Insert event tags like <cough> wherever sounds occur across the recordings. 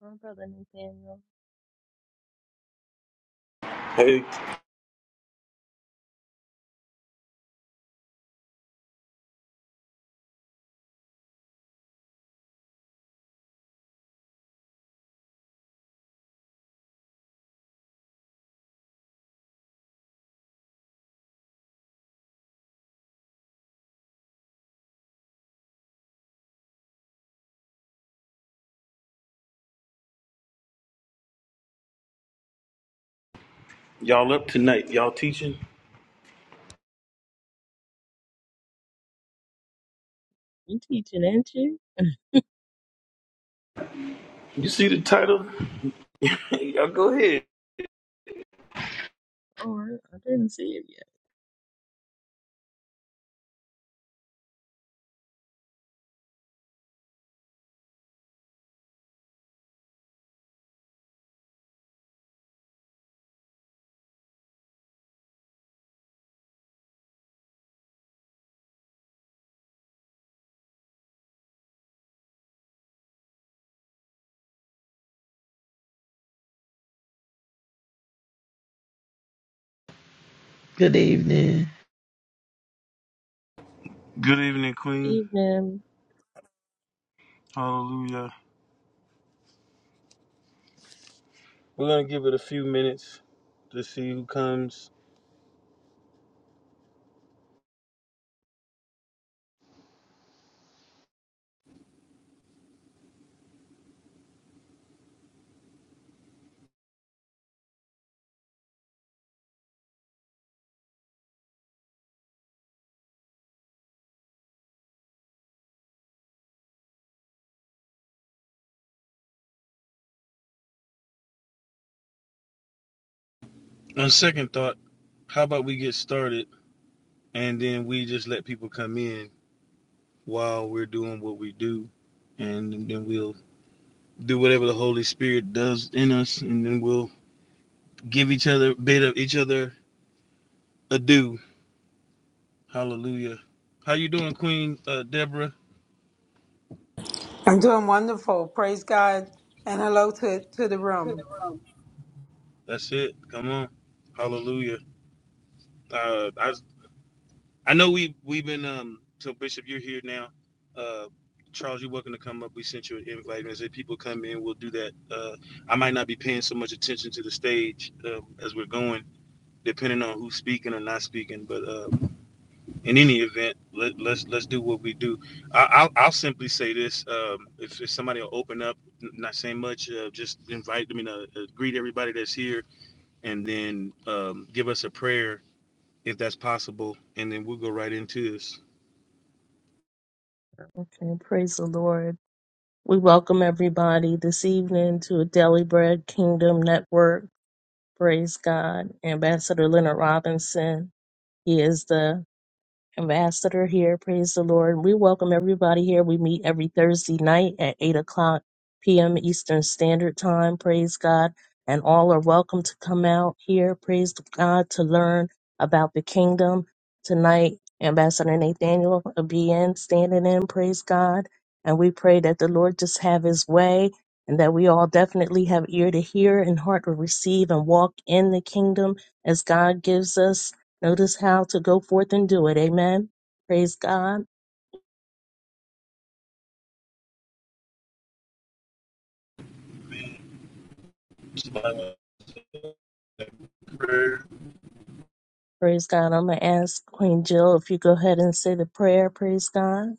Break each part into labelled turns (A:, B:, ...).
A: My brother Nathaniel. You teaching, ain't you? All right. I didn't see it yet.
B: Good evening.
A: Good evening.
C: I'm doing wonderful. Praise God. And hello to, to the room.
A: Okay, praise the Lord. We welcome everybody this evening to Daily Bread Kingdom Network. Praise God. Ambassador Leonard Robinson. He is the ambassador here. Praise the Lord. We welcome everybody here. We meet every Thursday night at 8 o'clock p.m. Eastern Standard Time. Praise God. And all are welcome to come out here. Praise God to learn about the kingdom. Tonight, Ambassador Nathaniel will be in, standing in. Praise God. And we pray that the Lord just have his way and that we all definitely have ear to hear and heart to receive and walk in the kingdom as God gives us Notice how to go forth and do it. Amen. Praise God. Praise God. I'm going to ask Queen Jill if you go ahead and say the prayer. Praise God.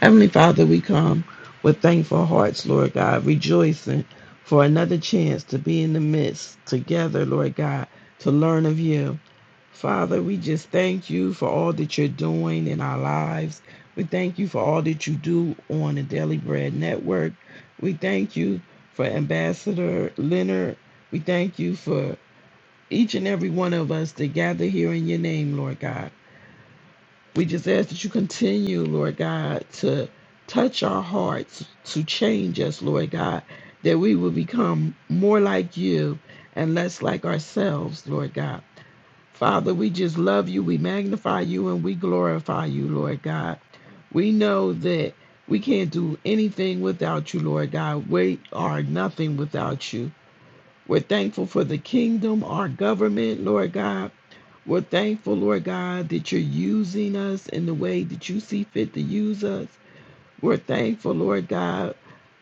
B: Heavenly Father, we come with thankful hearts, Lord God, rejoicing for another chance to be in the midst together, Lord God, to learn of you. Father, we just thank you for all that you're doing in our lives. We thank you for all that you do on the Daily Bread Network. We thank you for Ambassador Leonard. We thank you for each and every one of us to gather here in your name, Lord God. We just ask that you continue, Lord God, to touch our hearts, to change us, Lord God, that we will become more like you and less like ourselves, Lord God. Father, we just love you, we magnify you, and we glorify you, Lord God. We know that we can't do anything without you, Lord God. We are nothing without you. We're thankful for the kingdom, our government, Lord God. We're thankful, Lord God, that you're using us in the way that you see fit to use us. We're thankful, Lord God,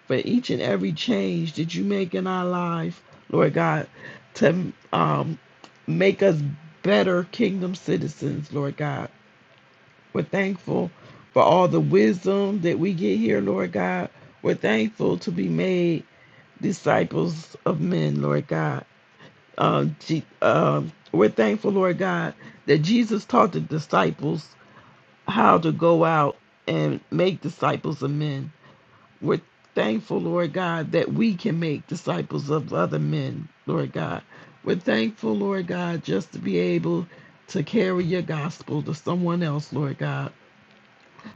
B: for each and every change that you make in our life, Lord God, to um, make us better kingdom citizens, Lord God. We're thankful for all the wisdom that we get here, Lord God. We're thankful to be made disciples of men, Lord God. Uh, Je- uh, we're thankful, Lord God, that Jesus taught the disciples how to go out and make disciples of men. We're thankful, Lord God, that we can make disciples of other men, Lord God. We're thankful, Lord God, just to be able to carry your gospel to someone else, Lord God.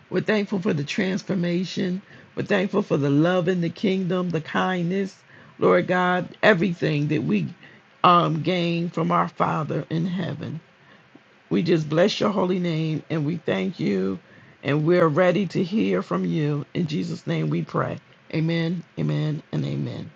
B: We're thankful for the transformation. We're thankful for the love in the kingdom, the kindness, Lord God, everything that we um, gain from our Father in heaven. We just bless your holy name and we thank you. And we're ready to hear from you. In Jesus' name we pray. Amen, amen, and amen.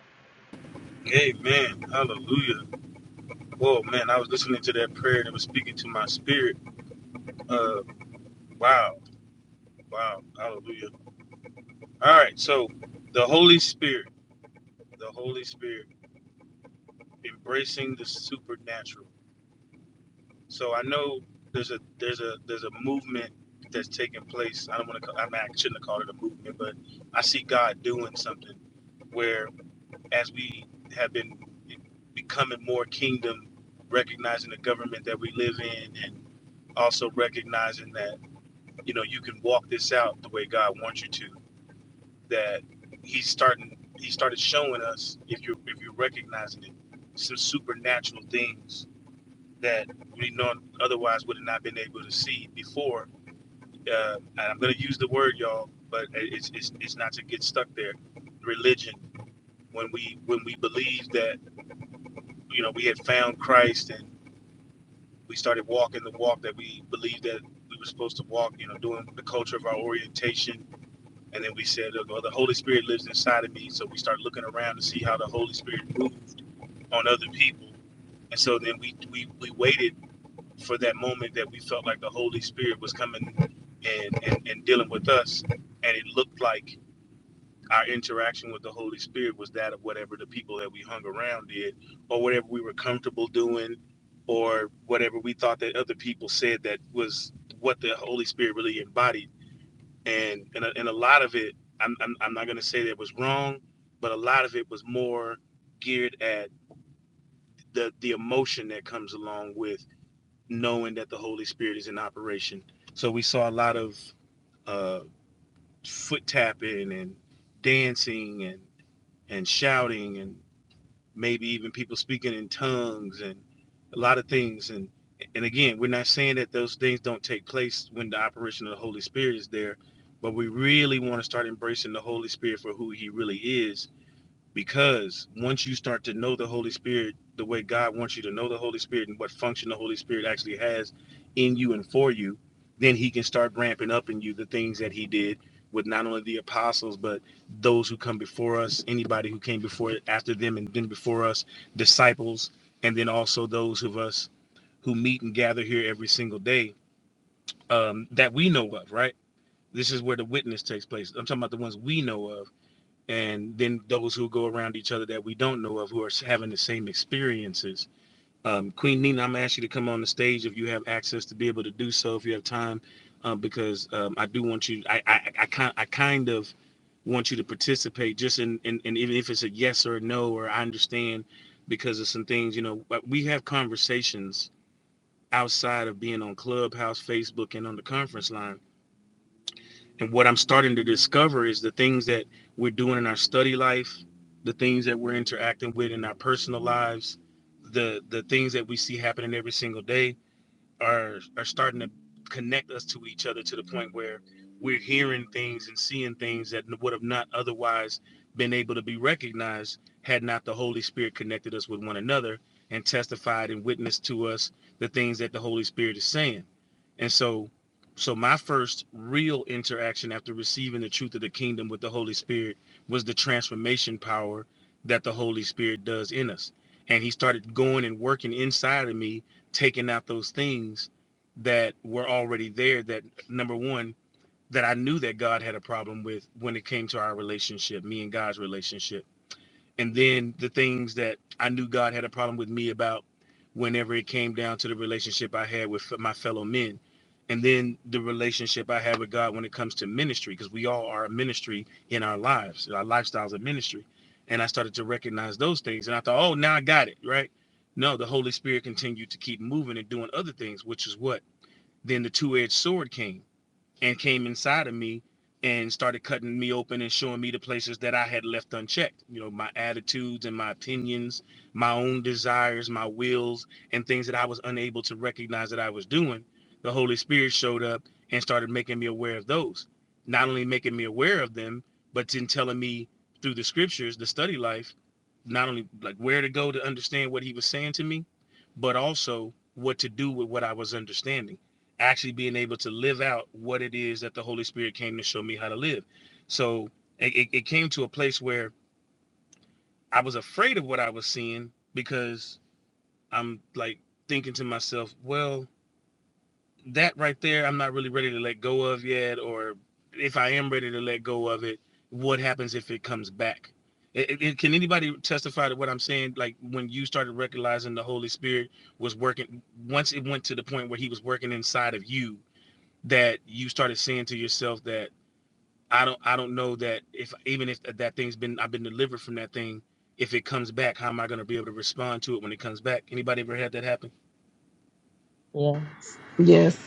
A: Yes.
B: Yes,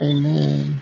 B: amen.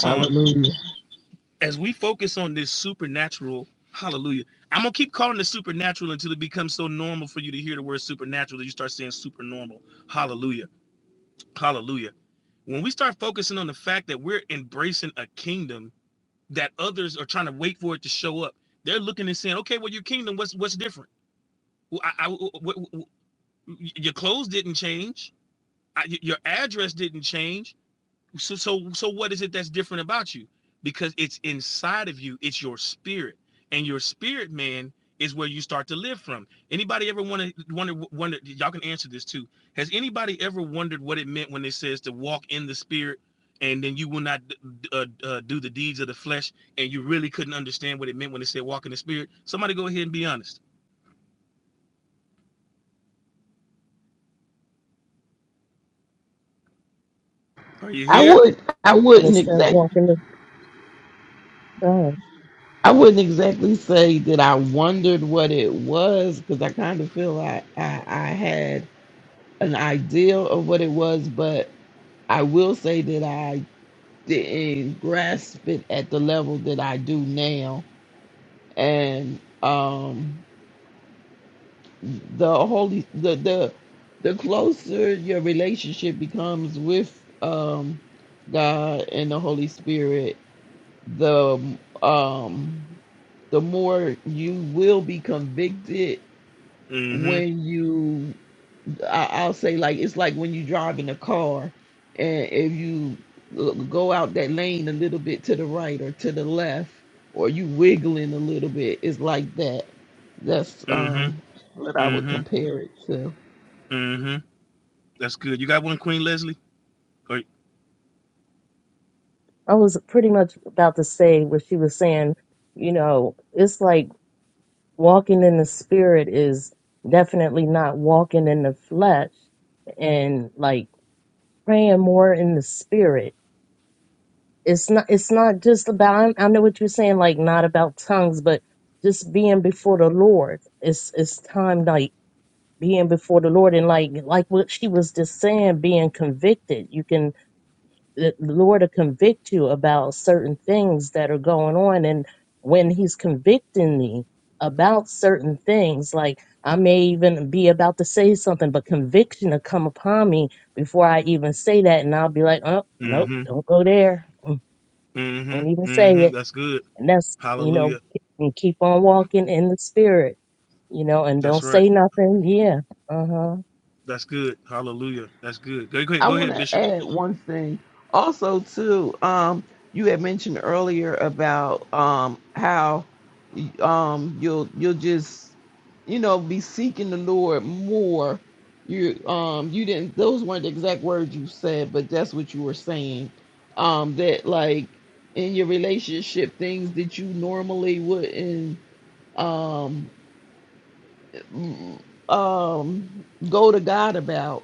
B: Hallelujah. I would, I
A: When it
B: wouldn't
A: said
B: exact.
A: walk in the sun,
B: I wouldn't exactly say that I wondered what it was because I kind of feel I, I I had an idea of what it was, but I will say that I didn't grasp it at the level that I do now. And um, the holy the the the closer your relationship becomes with um, God and the Holy Spirit, the um, the more you will be convicted when you I, i'll say like it's like when you drive in a car and if you l- go out that lane a little bit to the right or to the left or you wiggling a little bit it's like that that's um what i would compare it to
A: I was pretty much about to say what she was saying. You know, it's like Walking in the spirit is definitely not walking in the flesh and like praying more in the spirit. It's not it's not just about I I know what you're saying, like not about tongues, but just being before the Lord. It's it's time like being before the Lord and like like what she was just saying, being convicted. You can the the Lord to convict you about certain things that are going on. And when He's convicting me about certain things, like I may even be about to say something, but conviction will come upon me before I even say that. And I'll be like, oh, nope, don't go there. Mm, Don't even say it. And that's, you know, and keep on walking in the spirit, you know, and don't say nothing. Yeah. Uh huh.
B: I want to add one thing. Also, too, um, you had mentioned earlier about um, how um, you'll you'll just you know be seeking the Lord more. You um you didn't those weren't the exact words you said, but that's what you were saying. Um, that like in your relationship, things that you normally wouldn't. Um, um, go to God about,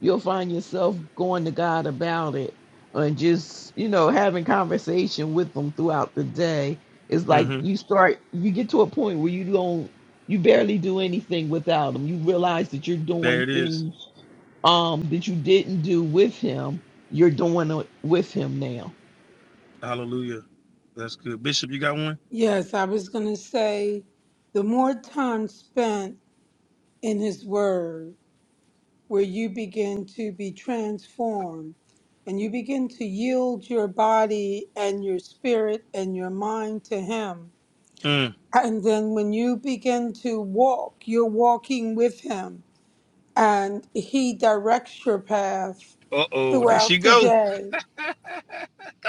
B: you'll find yourself going to God about it and just, you know, having conversation with them throughout the day. It's like you start, you get to a point where you don't, you barely do anything without him. You realize that you're doing things um, that you didn't do with him. You're doing it with him now.
C: Yes, I was going to say the more time spent in His Word, where you begin to be transformed and you begin to yield your body and your spirit and your mind to Him. And then when you begin to walk, you're walking with Him and He directs your path throughout the day.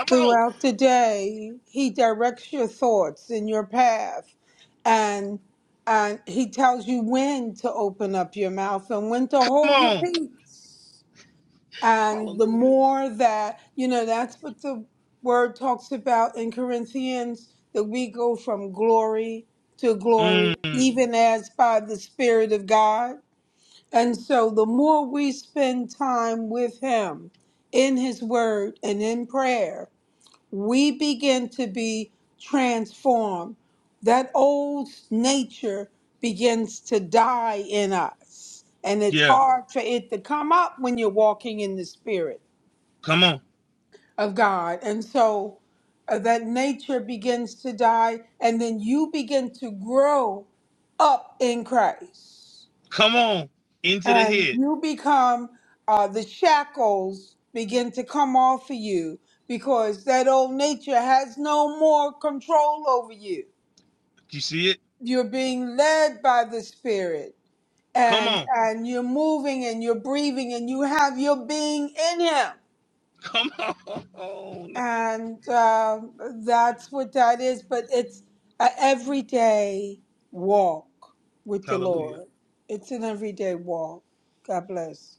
C: Throughout the day, he directs your thoughts in your path and and he tells you when to open up your mouth and when to hold your peace. And the more that, you know, that's what the word talks about in Corinthians that we go from glory to glory, even as by the Spirit of God. And so the more we spend time with Him in His Word and in prayer, we begin to be transformed. That old nature begins to die in us. And it's hard for it to come up when you're walking in the Spirit of God. And so uh, that nature begins to die, and then you begin to grow up in Christ and you become uh, the shackles begin to come off of you because that old nature has no more control over you you're being led by the spirit and and you're moving and you're breathing and you have your being in him and uh, that's what that is but it's an everyday walk with the lord it's an everyday walk god bless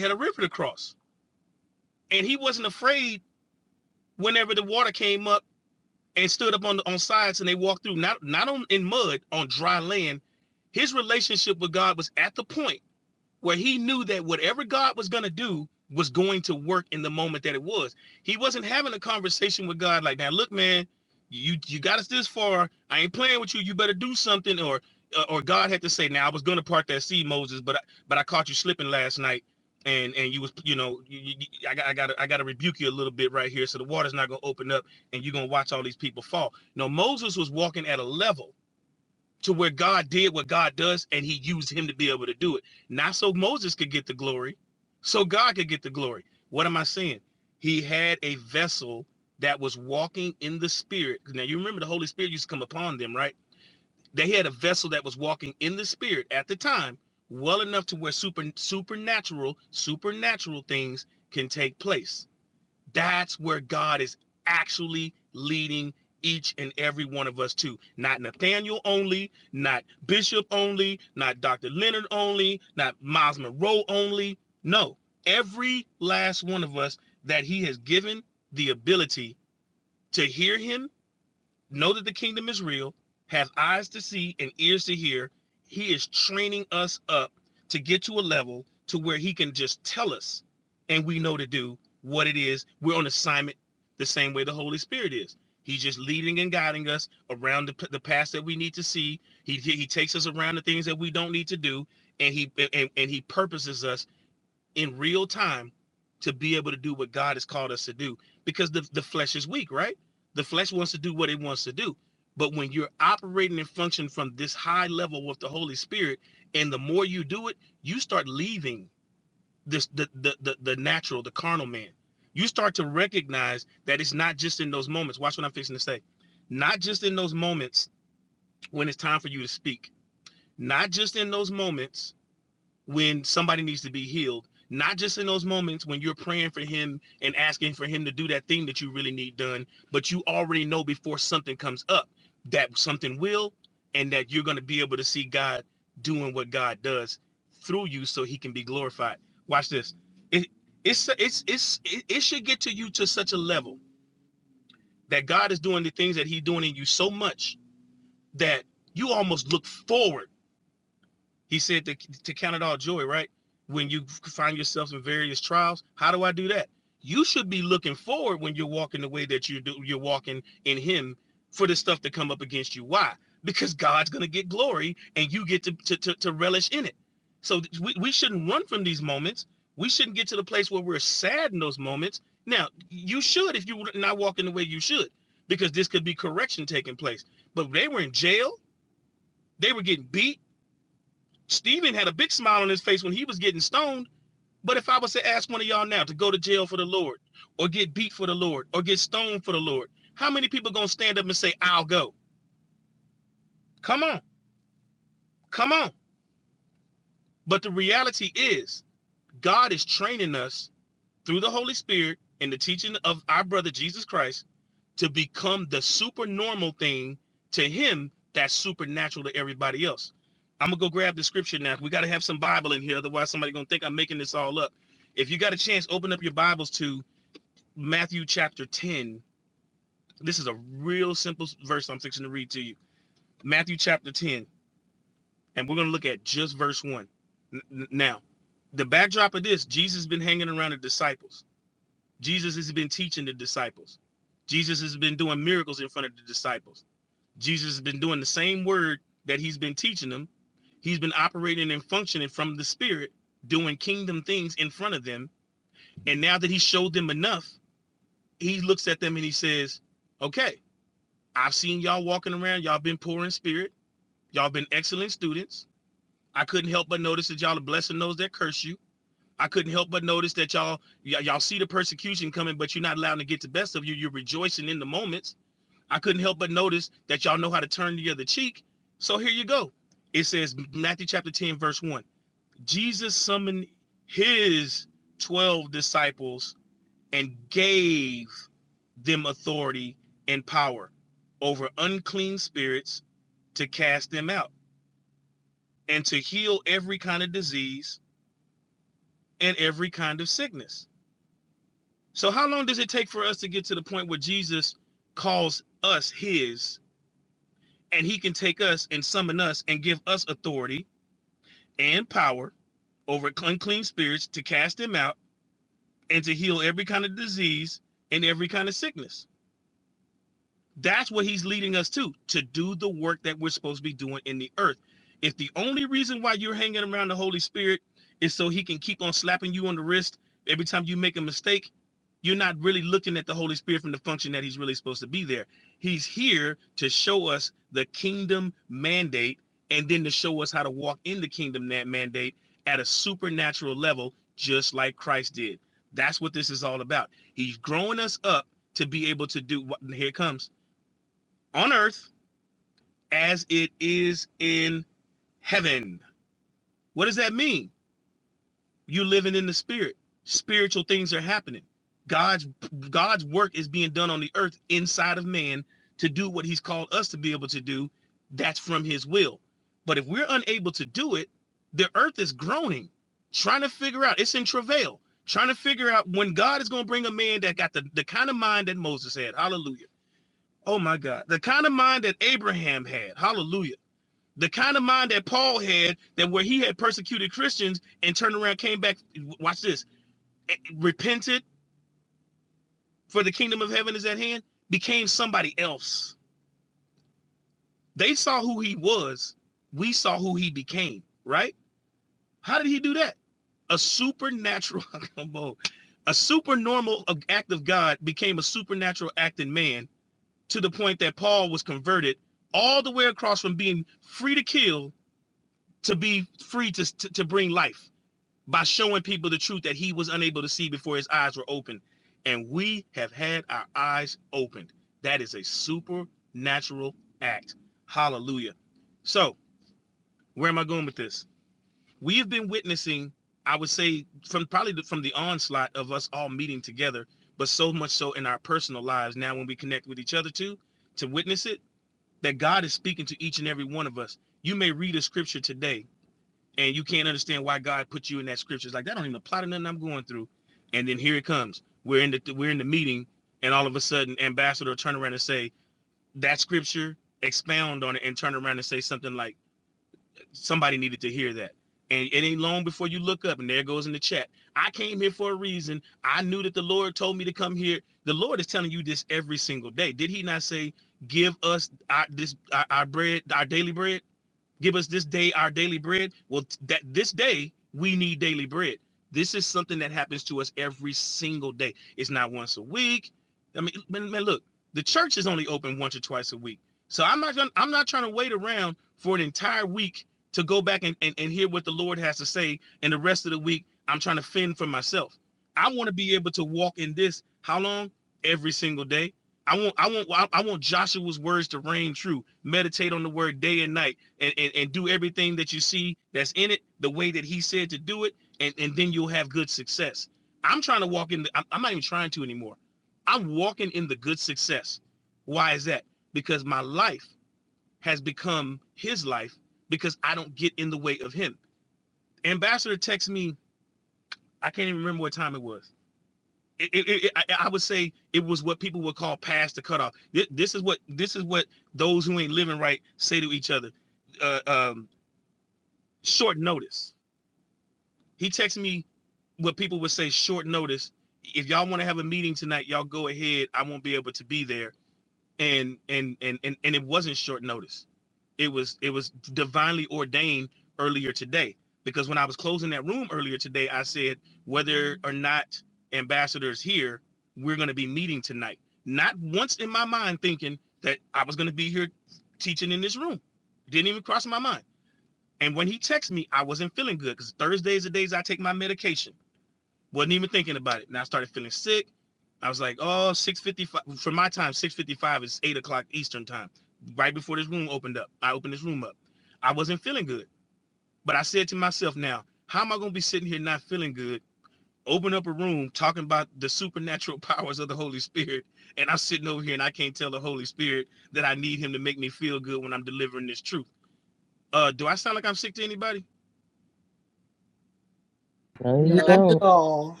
A: No, you
D: Not
B: No.
D: at
A: don't.
D: all.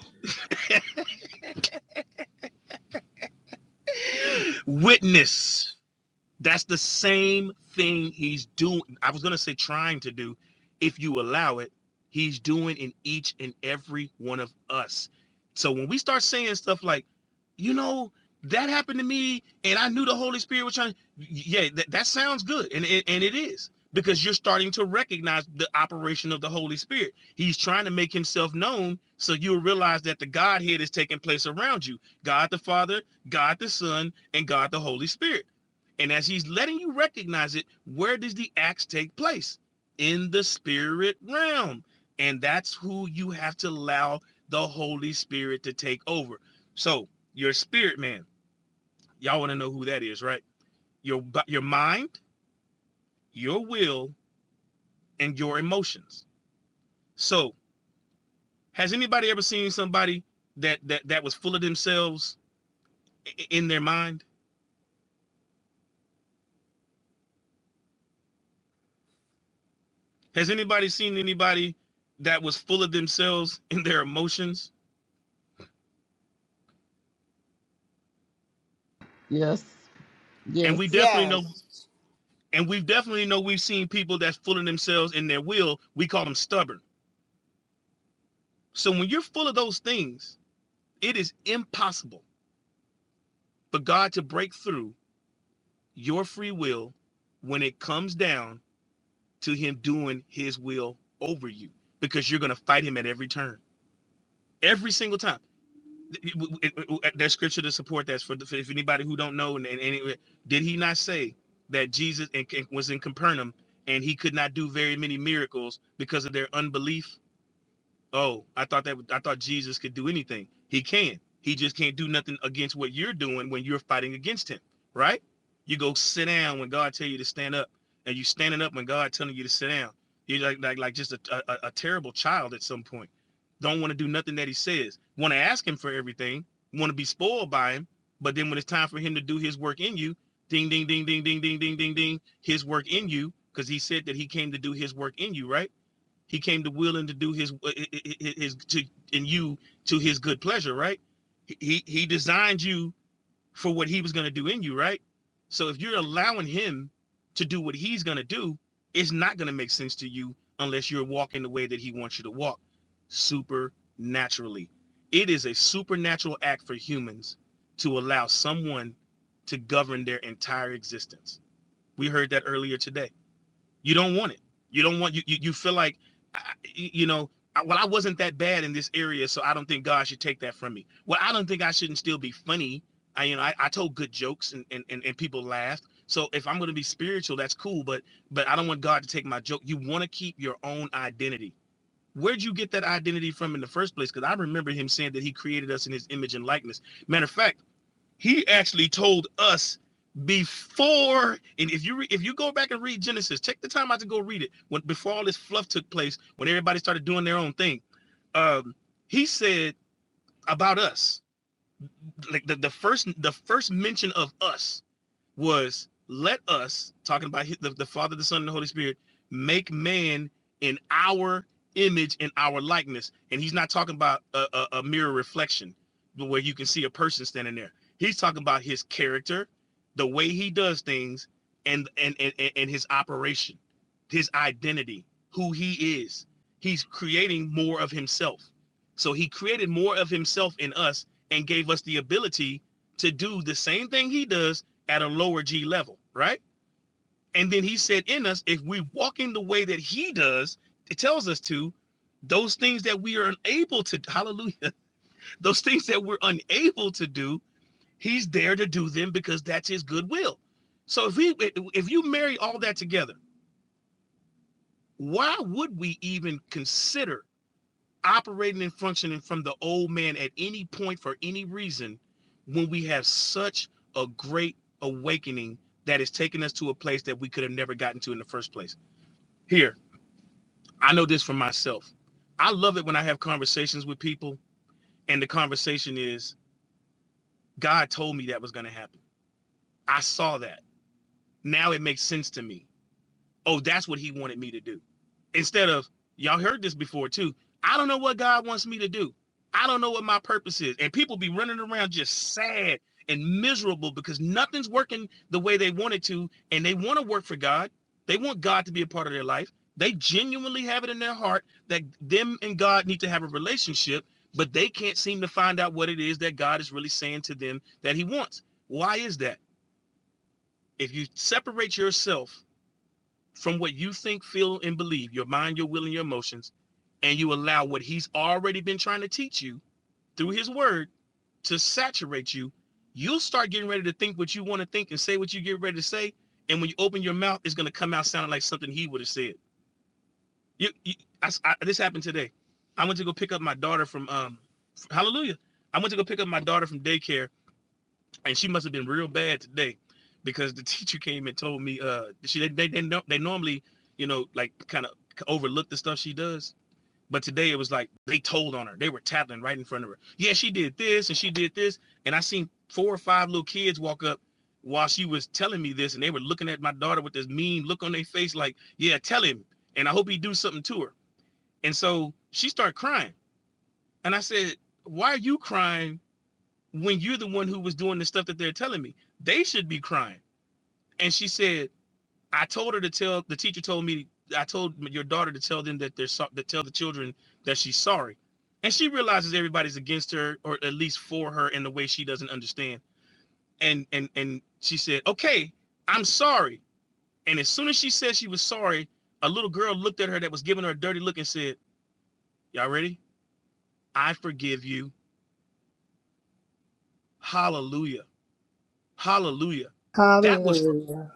B: Yes. Yes.
C: yes
D: Hallelujah.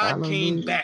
B: Hallelujah.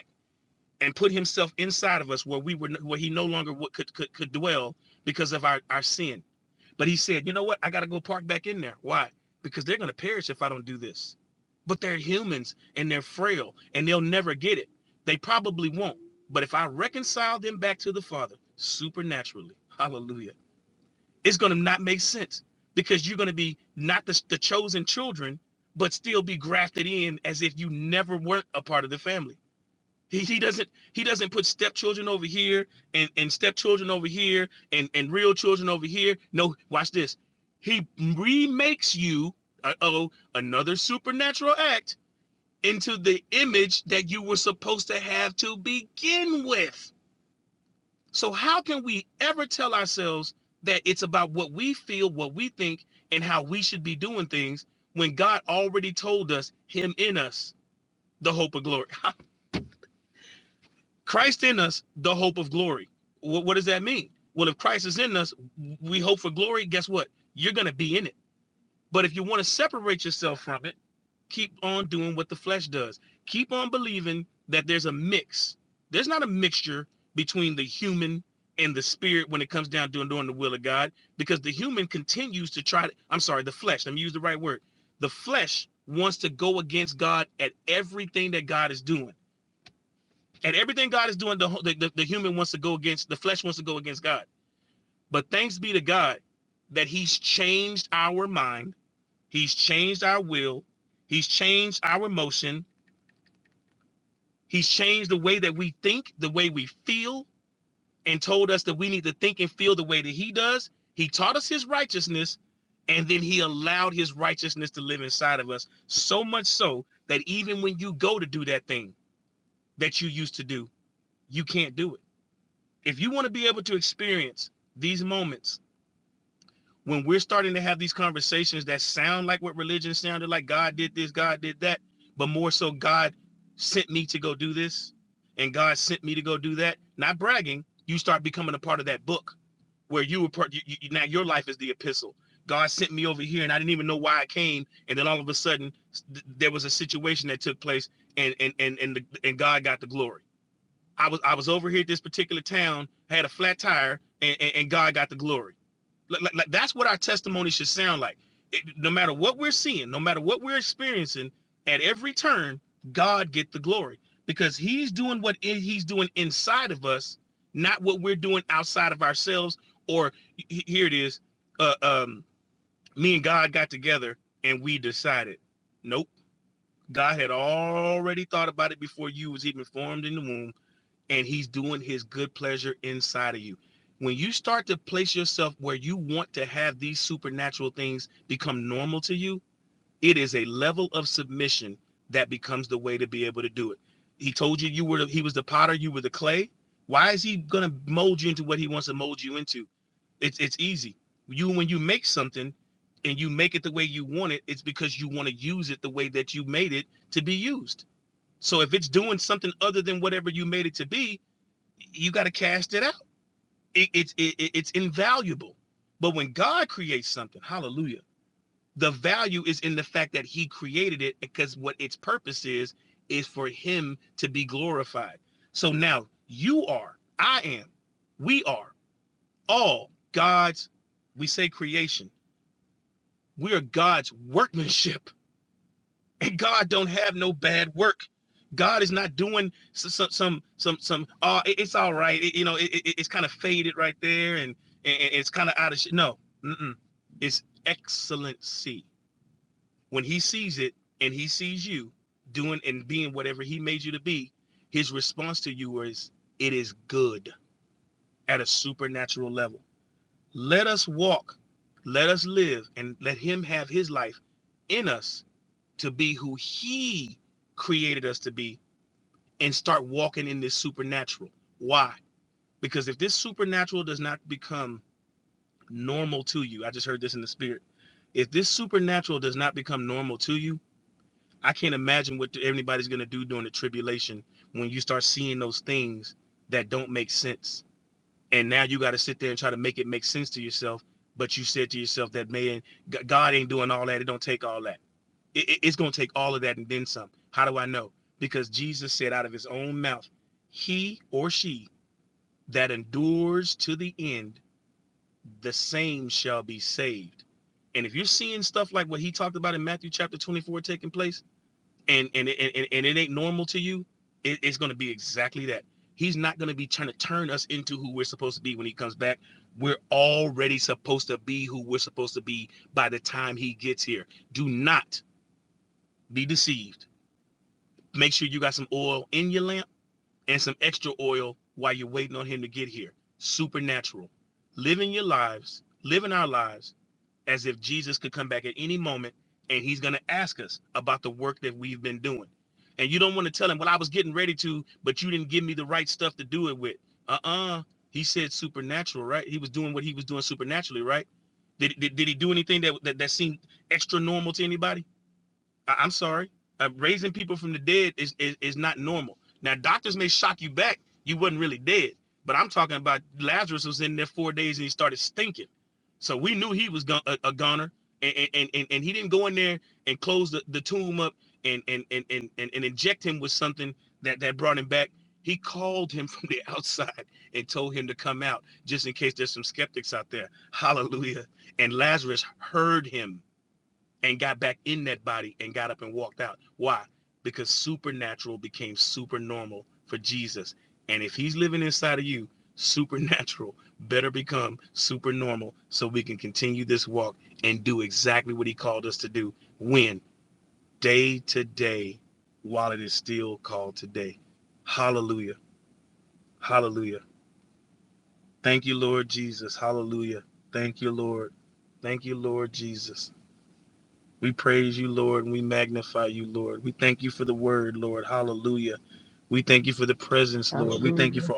B: Hallelujah.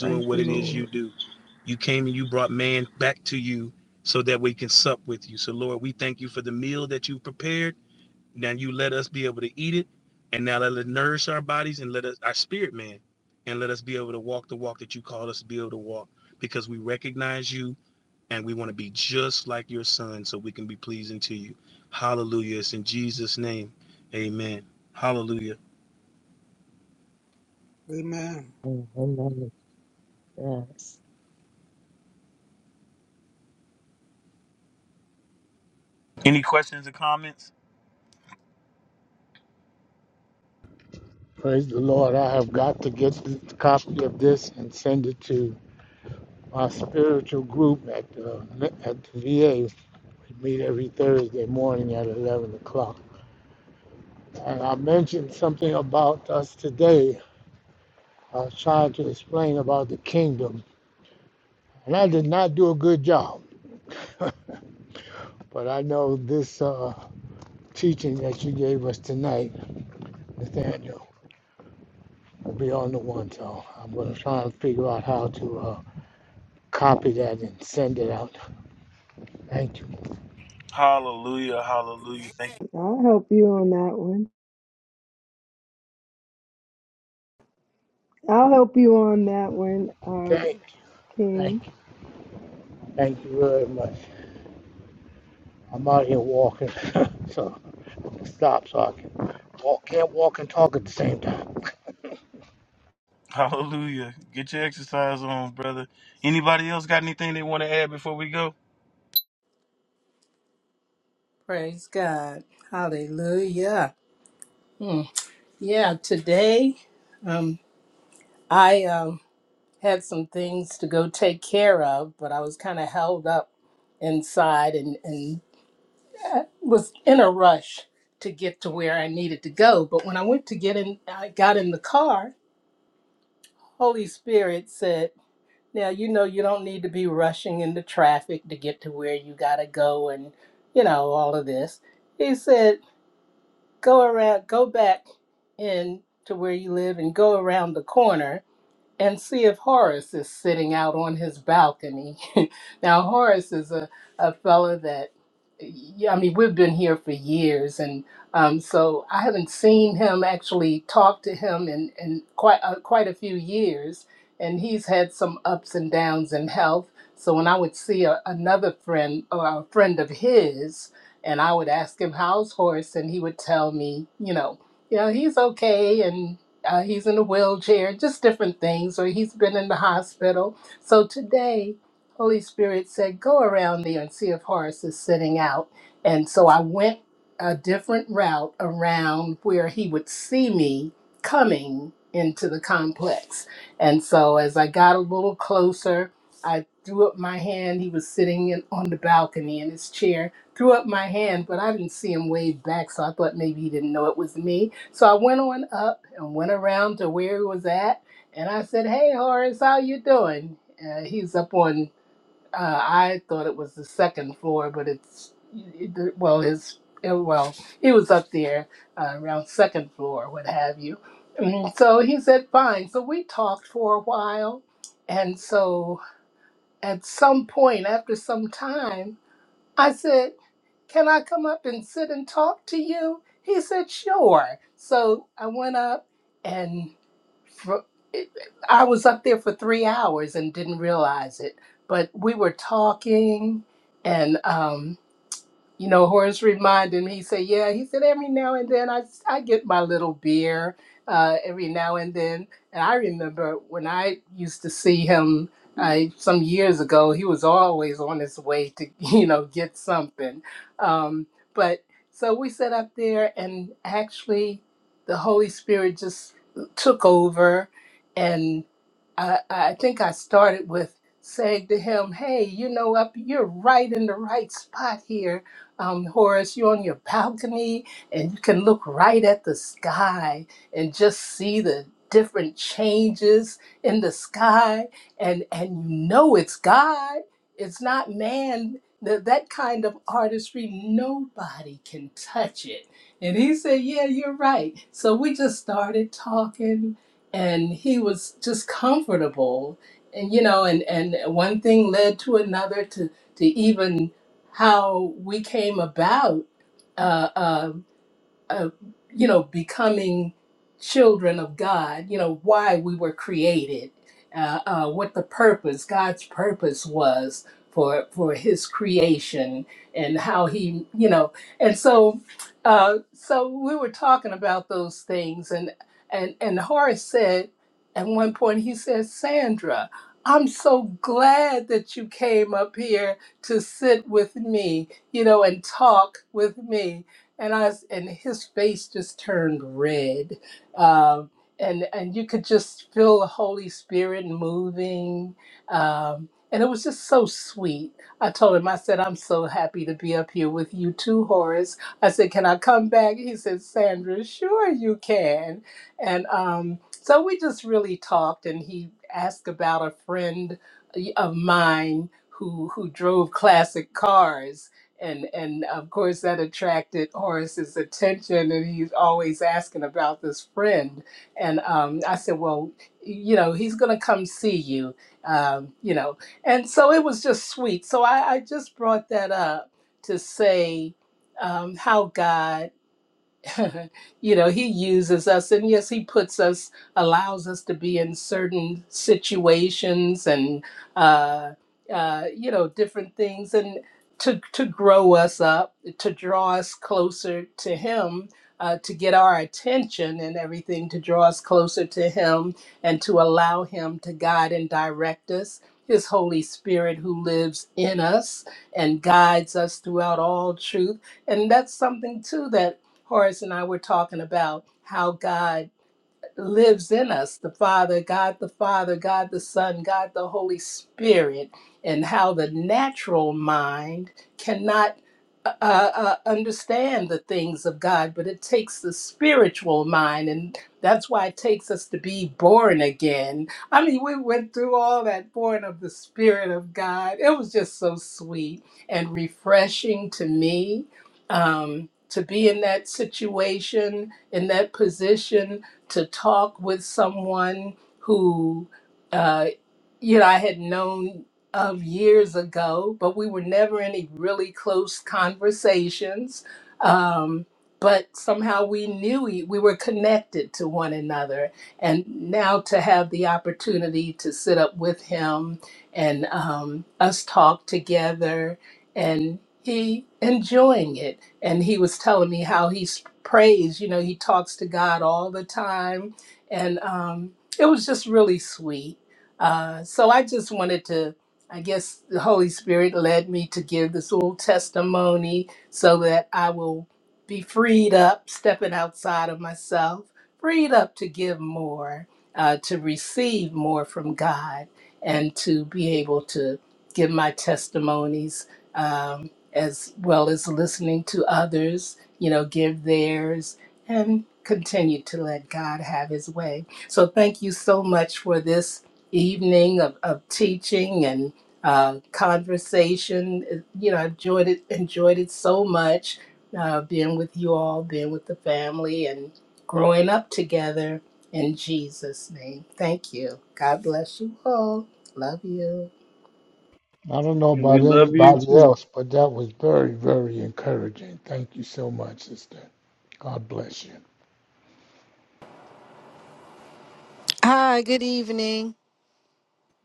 B: Thank you, Lord.
C: Amen.
A: Mm, Amen. Yes.
E: Praise the Lord. I have got to get the copy of this and send it to my spiritual group at the, at the VA. We meet every Thursday morning at 11 o'clock. And I mentioned something about us today. I was trying to explain about the kingdom. And I did not do a good job. But I know this uh, teaching that you gave us tonight, Nathaniel, will be on the one. So I'm going to try and figure out how to uh, copy that and send it out. Thank you.
F: I'll help you on that one. I'll help you on that one, uh,
E: Thank you. Thank you.
F: King.
E: Thank you very much. I'm out here walking, <laughs> so stop so I can walk. Can't walk and talk at the same time.
D: Praise God. Hallelujah. Hmm. Yeah, today um, I um, had some things to go take care of, but I was kind of held up inside and, and uh, was in a rush to get to where I needed to go. But when I went to get in, I got in the car, Holy Spirit said, Now, you know, you don't need to be rushing into traffic to get to where you got to go and, you know, all of this. He said, go around, go back in to where you live and go around the corner and see if Horace is sitting out on his balcony. <laughs> now, Horace is a, a fella that, yeah, I mean, we've been here for years, and um, so I haven't seen him actually talk to him in, in quite, uh, quite a few years. And he's had some ups and downs in health. So when I would see a, another friend or a friend of his, and I would ask him, How's Horace? And he would tell me, you know, you know, he's okay. and uh, he's in a wheelchair, just different things, or he's been in the hospital. So today, Holy Spirit said, go around there and see if Horace is sitting out. And so I went a different route around where he would see me coming into the complex. And so as I got a little closer, I threw up my hand. He was sitting in, on the balcony in his chair. Threw up my hand, but I didn't see him wave back, so I thought maybe he didn't know it was me. So I went on up and went around to where he was at, and I said, "Hey, Horace, how you doing?" Uh, he's up on. Uh, I thought it was the second floor, but it's it, well, his uh, well, he was up there uh, around second floor, what have you. And so he said, "Fine." So we talked for a while, and so at some point, after some time, I said. Can I come up and sit and talk to you? He said, Sure. So I went up and for, I was up there for three hours and didn't realize it. But we were talking and um, you know, Horace reminded me, he said, Yeah, he said, every now and then I, I get my little beer uh, every now and then. And I remember when I used to see him I, some years ago, he was always on his way to, <laughs> you know, get something. Um, but so we sat up there, and actually the Holy Spirit just took over. I, I think I started with saying to him, "Hey, you know, up you're right in the right spot here, um, Horace. You're on your balcony, and you can look right at the sky and just see the different changes in the sky, and and you know it's God. It's not man." That, that kind of artistry, nobody can touch it. And he said, Yeah, you're right. So we just started talking and he was just comfortable and you know and and one thing led to another to to even how we came about uh, uh, uh, you know, becoming children of God, you know, why we were created, uh, uh, what the purpose, God's purpose was for for His creation, and how He, you know, and so, uh, so we were talking about those things, and and and Horace said at one point he said, Sandra. I'm so glad that you came up here to sit with me, you know, and talk with me and I was, and his face just turned red, um, and and you could just feel the Holy Spirit moving, um, and it was just so sweet. I told him, I said, I'm so happy to be up here with you too, Horace. I said, can I come back? He said, Sandra, sure you can, and um, so we just really talked, and he asked about a friend of mine who who drove classic cars and and of course that attracted Horace's attention, and he's always asking about this friend. And um, I said, well, you know, he's gonna come see you, um, you know. And so it was just sweet. So I, I just brought that up to say um, how God. <laughs> you know, he uses us and yes, he puts us, allows us to be in certain situations and, uh, uh, you know, different things and to, to grow us up, to draw us closer to him, uh, to get our attention and everything, to draw us closer to him and to allow him to guide and direct us. His Holy Spirit, who lives in us and guides us throughout all truth and that's something too that. Horace and I were talking about how God lives in us the Father, God the Father, God the Son, God the Holy Spirit, and how the natural mind cannot uh, uh, uh, understand the things of God, but it takes the spiritual mind, and that's why it takes us to be born again. I mean, we went through all that born of the Spirit of God. It was just so sweet and refreshing to me um, to be in that situation, in that position to talk with someone who, uh, you know, I had known of years ago, but we were never in any really close conversations. Um, but somehow we knew e- we were connected to one another. And now to have the opportunity to sit up with him and um, us talk together and he enjoying it and he was telling me how he s- prays you know he talks to god all the time and um, it was just really sweet uh, so i just wanted to i guess the holy spirit led me to give this little testimony so that i will be freed up stepping outside of myself freed up to give more uh, to receive more from god and to be able to give my testimonies Um, as well as listening to others, you know, give theirs and continue to let God have his way. So thank you so much for this evening of, of teaching and uh, conversation. You know, I enjoyed it, enjoyed it so much, uh, being with you all, being with the family and growing up together in Jesus' name. Thank you. God bless you all. Love you.
E: I don't know
G: We
E: about
G: love you
E: anybody
G: too.
E: else, but that was very, very encouraging. Thank you so much, sister. God bless you.
H: Hi, good evening.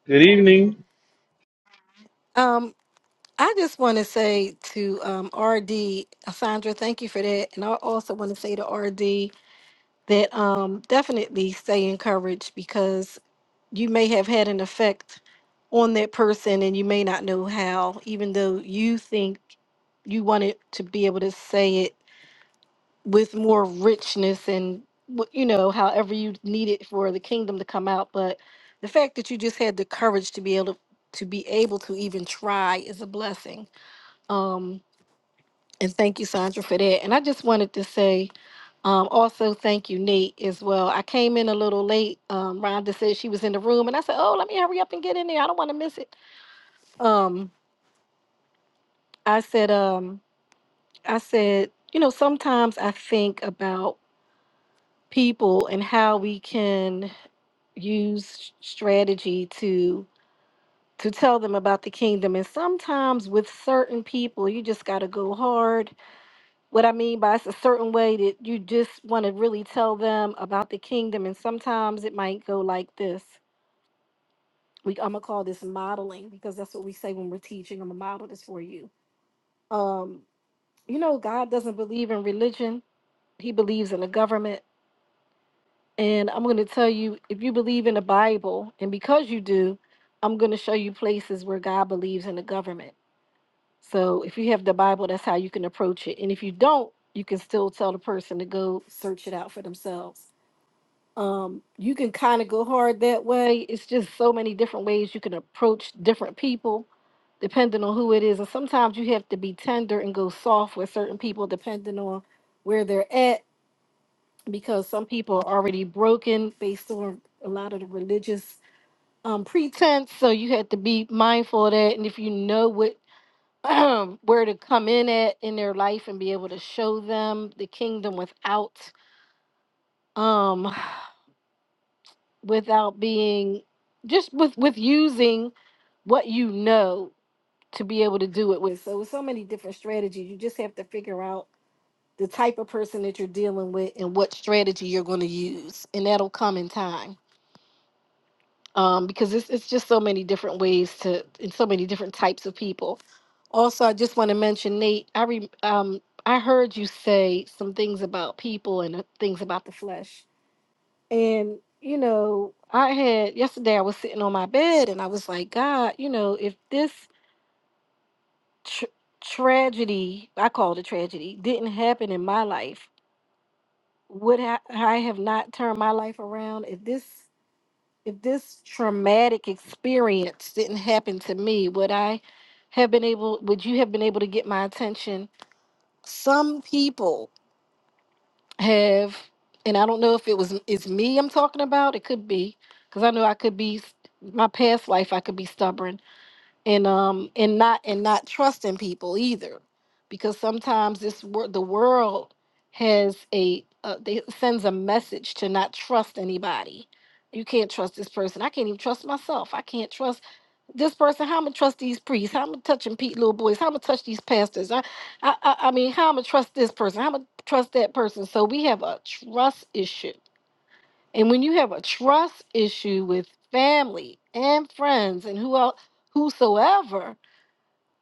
G: Good evening.
H: Um, I just want to say to um, RD, Sandra, thank you for that. And I also want to say to RD that um, definitely stay encouraged because you may have had an effect on that person and you may not know how, even though you think you wanted to be able to say it with more richness and wh- you know however you need it for the kingdom to come out but the fact that you just had the courage to be able to, to be able to even try is a blessing um and thank you sandra for that and i just wanted to say um also thank you nate as well i came in a little late um rhonda said she was in the room and i said oh let me hurry up and get in there i don't want to miss it um i said um i said you know sometimes i think about people and how we can use strategy to to tell them about the kingdom and sometimes with certain people you just got to go hard what i mean by it's a certain way that you just want to really tell them about the kingdom and sometimes it might go like this we i'm gonna call this modeling because that's what we say when we're teaching i'm gonna model this for you um you know god doesn't believe in religion he believes in a government And I'm going to tell you if you believe in the Bible, and because you do, I'm going to show you places where God believes in the government. So if you have the Bible, that's how you can approach it. And if you don't, you can still tell the person to go search it out for themselves. Um, you can kind of go hard that way. It's just so many different ways you can approach different people depending on who it is. And sometimes you have to be tender and go soft with certain people depending on where they're at because some people are already broken based on a lot of the religious um, pretense. So you have to be mindful of that. And if you know what <clears throat> where to come in at in their life and be able to show them the kingdom without um <sighs> without being just with with using what you know to be able to do it with. So with so many different strategies, you just have to figure out the type of person that you're dealing with and what strategy you're going to use and that'll come in time. um, because it's, it's just so many different ways to and so many different types of people. Also, I just want to mention Nate. I re, um I heard you say some things about people and uh, things about the flesh, and you know I had yesterday I was sitting on my bed and I was like, God, you know if this tr- tragedy I call it a tragedy didn't happen in my life, would I, I have not turned my life around? If this if this traumatic experience didn't happen to me, would I have been able, would you have been able to get my attention? Some people have, and I don't know if it was, it's me I'm talking about. It could be, because I know I could be, my past life, I could be stubborn and um and not and not trusting people either because sometimes this world the world has a uh, they sends a message to not trust anybody you can't trust this person i can't even trust myself i can't trust this person how i'm gonna trust these priests how i'm gonna touch them pete little boys how i'm gonna touch these pastors i i i I mean how i'm gonna trust this person how i'm gonna trust that person so we have a trust issue and when you have a trust issue with family and friends and who else whosoever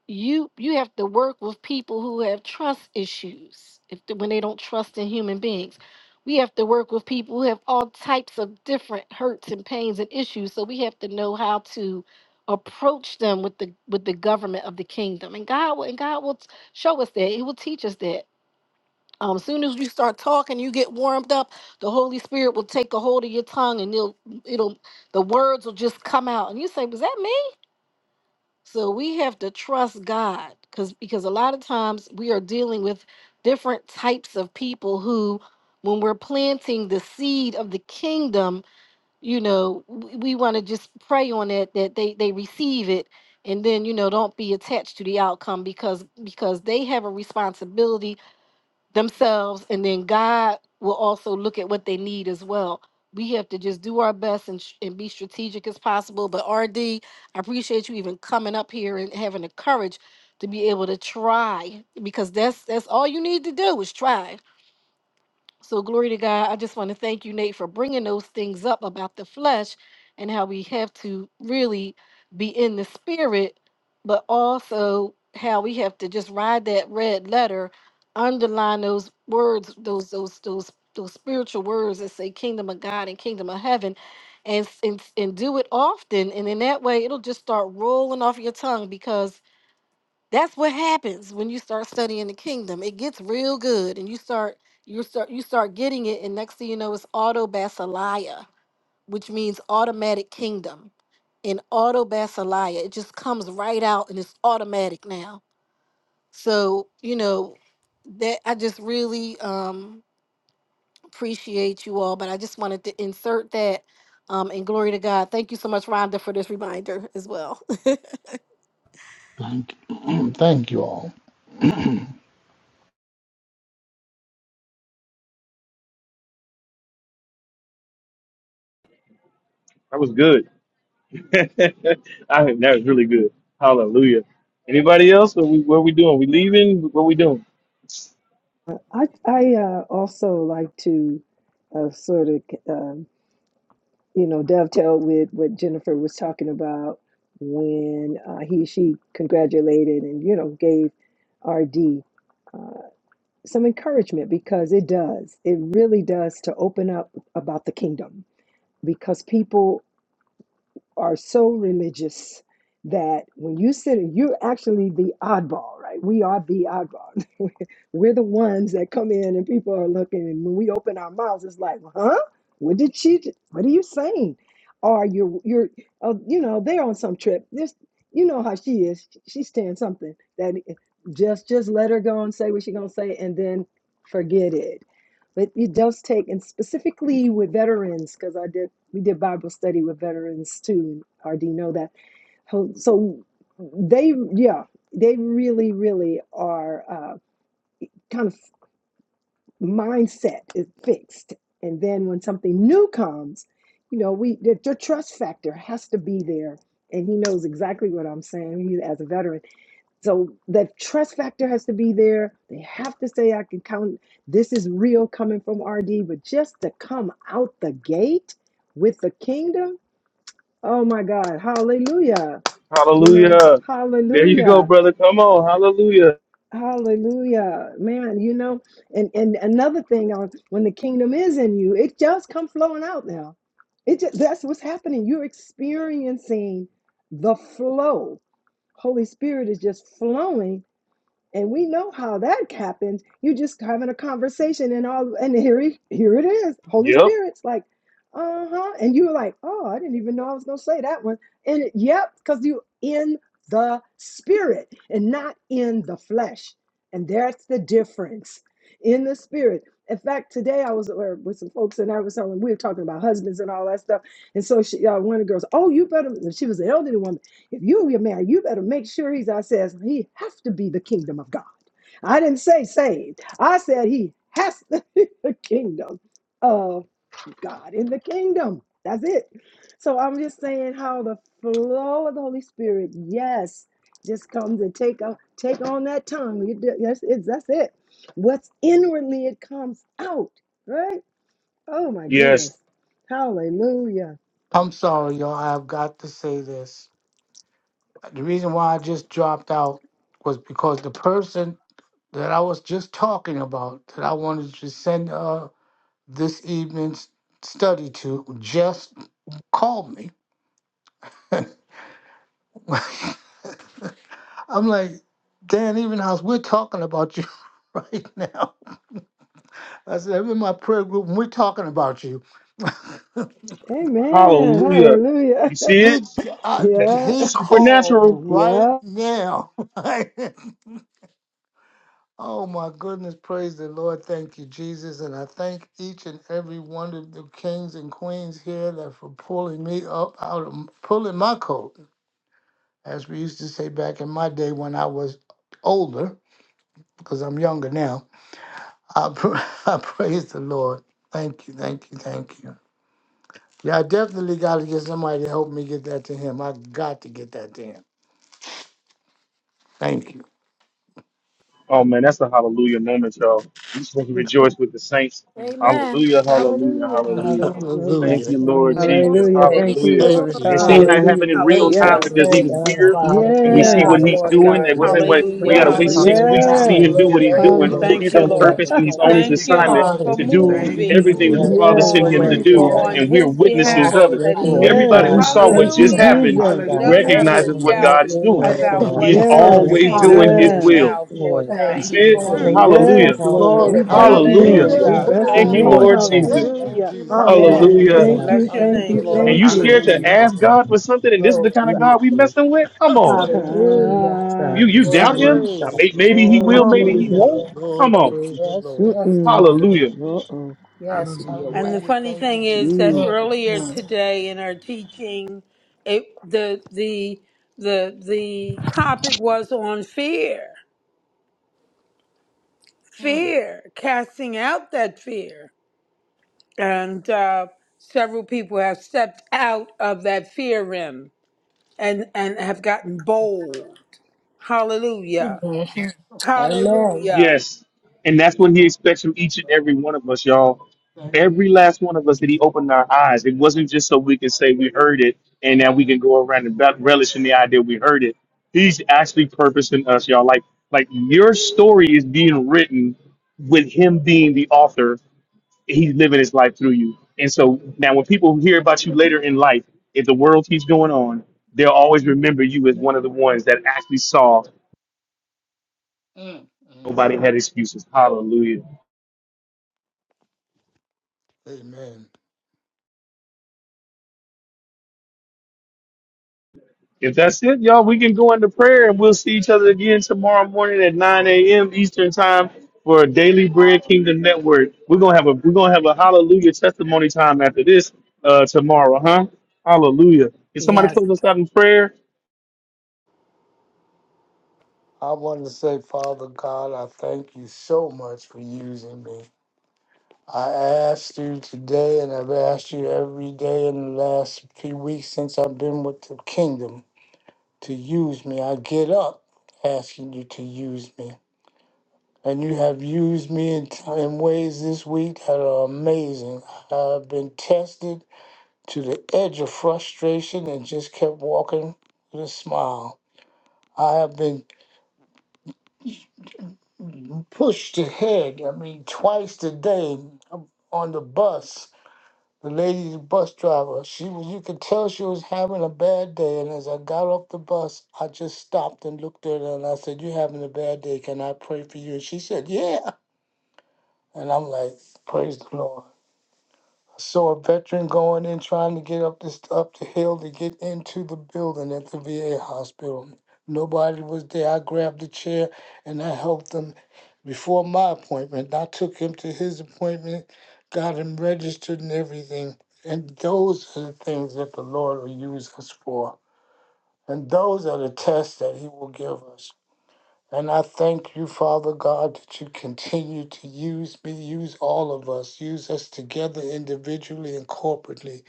H: you you have to work with people who have trust issues if the, when they don't trust in human beings we have to work with people who have all types of different hurts and pains and issues so we have to know how to approach them with the with the government of the kingdom and god will and god will t- show us that he will teach us that um, as soon as you start talking, you get warmed up. The Holy Spirit will take a hold of your tongue, and it'll, it'll, the words will just come out. And you say, "Was that me?" So we have to trust God because because a lot of times we are dealing with different types of people who when we're planting the seed of the kingdom, you know, we, we want to just pray on it that they they receive it and then you know don't be attached to the outcome because because they have a responsibility themselves and then God will also look at what they need as well. We have to just do our best and, sh- and be strategic as possible. But RD, I appreciate you even coming up here and having the courage to be able to try because that's that's all you need to do is try. So, glory to God. I just want to thank you, Nate, for bringing those things up about the flesh and how we have to really be in the spirit, but also how we have to just ride that red letter, underline those words, those those those those spiritual words that say kingdom of God and kingdom of heaven and s- and, s- and do it often and in that way it'll just start rolling off your tongue because that's what happens when you start studying the kingdom. It gets real good and you start you start you start getting it and next thing you know it's auto basileia, which means automatic kingdom. And auto basileia, it just comes right out and it's automatic now. So, you know, that I just really um appreciate you all, but I just wanted to insert that um and glory to God. Thank you so much, Rhonda, for this reminder as well. <laughs>
E: Thank you. <clears throat> Thank you all.
G: That was good. <laughs> I think that was really good. Hallelujah. Anybody else? What we what we doing? We leaving? What we doing?
F: I I uh, also like to uh, sort of um, you know dovetail with what Jennifer was talking about when uh, he she congratulated and you know gave RD uh, some encouragement because it does it really does to open up about the kingdom because people are so religious that when you sit, you're actually the oddball, right? We are the oddball. <laughs> We're the ones that come in and people are looking, and when we open our mouths, it's like, huh? What did she? j- What are you saying? Or you're you're, oh, you know, they're on some trip. This, you know how she is. She's saying something that just just let her go and say what she's gonna say, and then forget it but it does take and specifically with veterans because i did we did bible study with veterans too and rd know that Ho- so they yeah they really really are uh, kind of mindset is fixed and then when something new comes you know we the, the trust factor has to be there and he knows exactly what i'm saying he, as a veteran so the trust factor has to be there. They have to say, I can count. This is real coming from RD. But just to come out the gate with the kingdom, oh my God, hallelujah. You know,
G: Hallelujah. There you go,
F: hallelujah.
G: brother. Come on. Hallelujah.
F: Hallelujah, man. You know, and and another thing, uh, when the kingdom is in you, it just come flowing out now. It just, that's what's happening. You're experiencing the flow. Holy Spirit is just flowing And we know how that happens. You're just having a conversation and all and here he, here it is. Holy
G: Yep.
F: Spirit's like, uh-huh. And you were like, oh, I didn't even know I was gonna say that one. And it, yep, because you in the spirit and not in the flesh. And that's the difference in the spirit. In fact, today I was or with some folks and I was telling, we were talking about husbands and all that stuff. And so she, uh, one of the girls, oh, you better, she was an elderly woman. If you get married, you better make sure he's. I says he has to be the kingdom of God. I didn't say saved. I said he has to <laughs> be the kingdom of God in the kingdom. That's it. So I'm just saying how the flow of the Holy Spirit, yes, just comes and take on take on that tongue. You do- Yes, it's that's it. What's inwardly, it comes out. Right? Oh my goodness.
G: Yes.
F: Hallelujah.
E: I'm sorry, y'all. I've got to say this. The reason why I just dropped out was because the person that I was just talking about, that I wanted to send uh, this evening's study to, just called me. <laughs> I'm like, Dan Evenhouse, we're talking about you <laughs> right now. I said, I'm in my prayer group and we're talking about you. <laughs>
F: Amen.
G: Hallelujah. You
F: Hallelujah.
G: see it?
E: he,
F: <laughs>
E: uh,
F: yeah.
E: he called
G: Supernatural.
E: right
F: Yeah.
E: now. <laughs> oh my goodness, praise the Lord. Thank you, Jesus. And I thank each and every one of the kings and queens here that for pulling me up out of pulling my coat, as we used to say back in my day when I was older, because I'm younger now I, pra- <laughs> I praise the Lord. Thank you, thank you, thank you. Yeah, I definitely got to get somebody to help me get that to him. I got to get that to him. Thank you.
G: Oh man, that's a hallelujah moment, y'all. We just want to rejoice with the saints.
H: Amen.
G: Hallelujah, hallelujah,
H: Hallelujah.
E: <laughs>
G: hallelujah.
D: Hallelujah.
G: Thank
E: Hallelujah.
G: you, Lord
D: Amen.
H: Lord,
G: Jesus.
F: Hallelujah.
G: Happening
F: Thank
D: Praise
F: you,
G: Hallelujah.
D: God.
E: Thank
F: Lord.
H: Lord,
E: you,
G: And see
E: thank
G: how
D: Hallelujah.
G: it
E: you,
F: Hallelujah.
G: happened in
F: We
G: real
E: thank
F: yes.
G: time
C: Hallelujah.
A: Glory
E: you.
G: because he
A: to
D: Thank
G: was
H: Jesus.
D: you,
G: here
A: God.
D: Father.
G: and we see what
F: Yes.
A: Hallelujah.
C: Yes,
G: he's
C: Lord
G: doing.
D: Hallelujah.
G: It
C: God.
G: wasn't
A: Yes,
D: Thank
G: like
D: you,
G: we
C: Hallelujah.
G: got to
D: Lord.
A: Lord.
G: wait six
B: Hallelujah.
G: weeks
C: Hallelujah.
G: to
D: Have
G: see
F: Yes.
G: him do
A: Hallelujah.
D: your
B: Hallelujah.
G: what he's
B: Thank you,
D: way.
G: doing.
F: Hallelujah.
A: Yes,
B: Lord.
C: Thank
G: He's
C: you,
G: on
D: Lord.
C: Lord.
G: purpose
A: Lord.
G: and he's on
F: <laughs>
G: his
B: Thank
C: Thank
B: you,
C: you,
A: Hallelujah.
B: God.
G: assignment
C: Lord, for
G: to
D: Hallelujah.
G: do
A: Hallelujah.
B: Thank you,
F: Mhm.
C: moving
G: everything that
B: Lord.
G: the
A: Yes,
D: Hallelujah.
G: Father
A: have
F: yes.
A: your
G: sent
C: on
G: him
A: way,
G: to
B: Glory
D: Keep
B: to
G: do,
B: your
A: Lord.
C: on
D: on.
G: and
B: name.
G: we're
C: his
A: It's
D: Keep
G: witnesses
A: all
C: behalf
A: for
G: of it.
D: on
A: your
C: that
D: by your
C: he
A: glory,
B: Thank you,
G: Everybody who
A: God.
F: Yes.
G: saw
B: Father.
G: what
D: spirit,
F: Thank you,
G: just
D: Lord.
C: hallelujah
A: Hallelujah.
G: happened
F: Jesus.
D: Have your
A: God.
C: don't
B: Hallelujah.
C: have to
D: way,
G: recognizes what
E: Amen.
D: Lord.
A: Have
C: doubt
G: God is
A: your
G: doing.
A: way,
D: Thank
C: about
D: you,
A: God.
G: He's
C: what
B: Glory,
D: Father.
C: words
F: Yes.
B: glory,
A: Yes,
G: always
C: came
D: Hallelujah.
C: out
B: glory.
G: doing
C: of
A: Lord.
G: his
C: his
F: Yes.
A: Yes,
G: will.
C: mouth, Lord
A: Lord.
G: You
D: Thank
C: God.
G: see
B: Thank you,
D: you,
G: it?
B: Lord.
C: Mm.
A: Hallelujah.
D: Jesus. Be
E: Amen.
G: Hallelujah.
F: Yes, Lord. We
A: Hallelujah.
D: glorified,
F: thank you,
G: Hallelujah.
B: Thank
F: Lord.
B: you,
E: Hallelujah
F: We
D: Lord
C: Hallelujah.
E: to
A: Yes,
B: God.
E: the
F: bless your
D: God.
G: Thank
E: Lamb
G: you,
E: of
H: Hallelujah.
A: Lord.
F: name.
G: Lord
E: God.
A: God.
G: Jesus.
D: Hallelujah.
E: Thank you,
H: Thank
F: Hallelujah.
H: you,
E: Jesus.
H: Lord.
B: Thank
A: Hallelujah,
B: you,
D: Yes,
G: Hallelujah.
B: Lord.
F: Thank
A: God.
E: Hallelujah,
F: you.
D: Lord
C: Bless your
F: Thank
C: name,
F: you.
D: Jesus,
E: hallelujah,
D: for
G: And
A: Thank
C: Lord.
F: Thank
D: your
G: you
A: you,
F: you.
G: scared
D: glory
G: to
D: and
B: Hallelujah.
E: hallelujah.
A: Jesus.
G: ask
D: your
G: God for something, and this is the kind of
D: growth.
A: Jesus.
G: God we messing with?
E: <laughs>
G: Come on.
D: Hallelujah.
F: Ah,
G: You
A: Jesus.
G: you
B: Mm.
F: yeah.
D: Glory
G: doubt
D: to
G: him?
D: God.
G: I
A: Jesus.
E: praise the
G: may- Maybe he
F: Oh,
E: Lord,
G: will, maybe he
E: praise
F: Jesus.
E: the
A: Hallelujah.
G: won't.
D: Yes,
G: Come
E: Lord,
G: on.
D: yes,
E: praise the
D: yes,
E: Lord.
D: yes to
F: Mm-mm.
D: you.
G: Hallelujah.
D: Lord.
F: Uh-oh.
D: Yes to your
B: Hallelujah.
C: And the
D: way.
E: Hallelujah.
C: funny
E: Thank you,
C: thing is that
E: Jesus.
D: Mhm.
F: Jesus.
C: earlier today in our teaching, it the the the the topic was on fear, fear, casting out that fear, and uh, several people have stepped out of that fear rim and and have gotten bold. Hallelujah!
D: Mhm.
E: Thank
D: Amen.
C: Hallelujah!
G: Yes. And that's what he expects from each and every one of us, y'all. Every
E: you.
G: last one of us that he opened our eyes. It wasn't just so we can say we heard it and now we can go around and rel- relish in the idea we heard it. He's actually purposing us, y'all. Like like your story is being written with him being the author. He's living his life through you. And so now when people hear about you later in life, if the world keeps going on, they'll always remember you as one of the ones that actually saw
E: Mm, mm.
G: nobody had excuses. Hallelujah.
E: Amen.
G: If that's it, y'all, we can go into prayer and we'll see each other again tomorrow morning at 9 a.m. Eastern time for Daily Bread Kingdom Network. We're gonna have a we're gonna have a hallelujah testimony time after this uh tomorrow, huh? Hallelujah. Can somebody
C: Yes.
G: close us out in prayer?
E: I want to say, Father God, I thank you so much for using me. I asked you today, and I've asked you every day in the last few weeks since I've been with the kingdom to use me. I get up asking you to use me. And you have used me in, in ways this week that are amazing. I've been tested to the edge of frustration and just kept walking with a smile. I have been pushed ahead, I mean, twice today um, on the bus. The lady, the bus driver, she was, you could tell she was having a bad day. And as I got off the bus, I just stopped and looked at her and I said, You having a bad day? Can I pray for you? And she said, Yeah. And I'm like, Praise the Lord. saw a veteran going in trying to get up this up the hill to get into the building at the VA hospital. Nobody was there. I grabbed the chair and I helped him before my appointment. I took him to his appointment, got him registered and everything. And those are the things that the Lord will use us for. And those are the tests that He will give us. And I thank you, Father God, that you continue to use me, use all of us, use us together individually and corporately.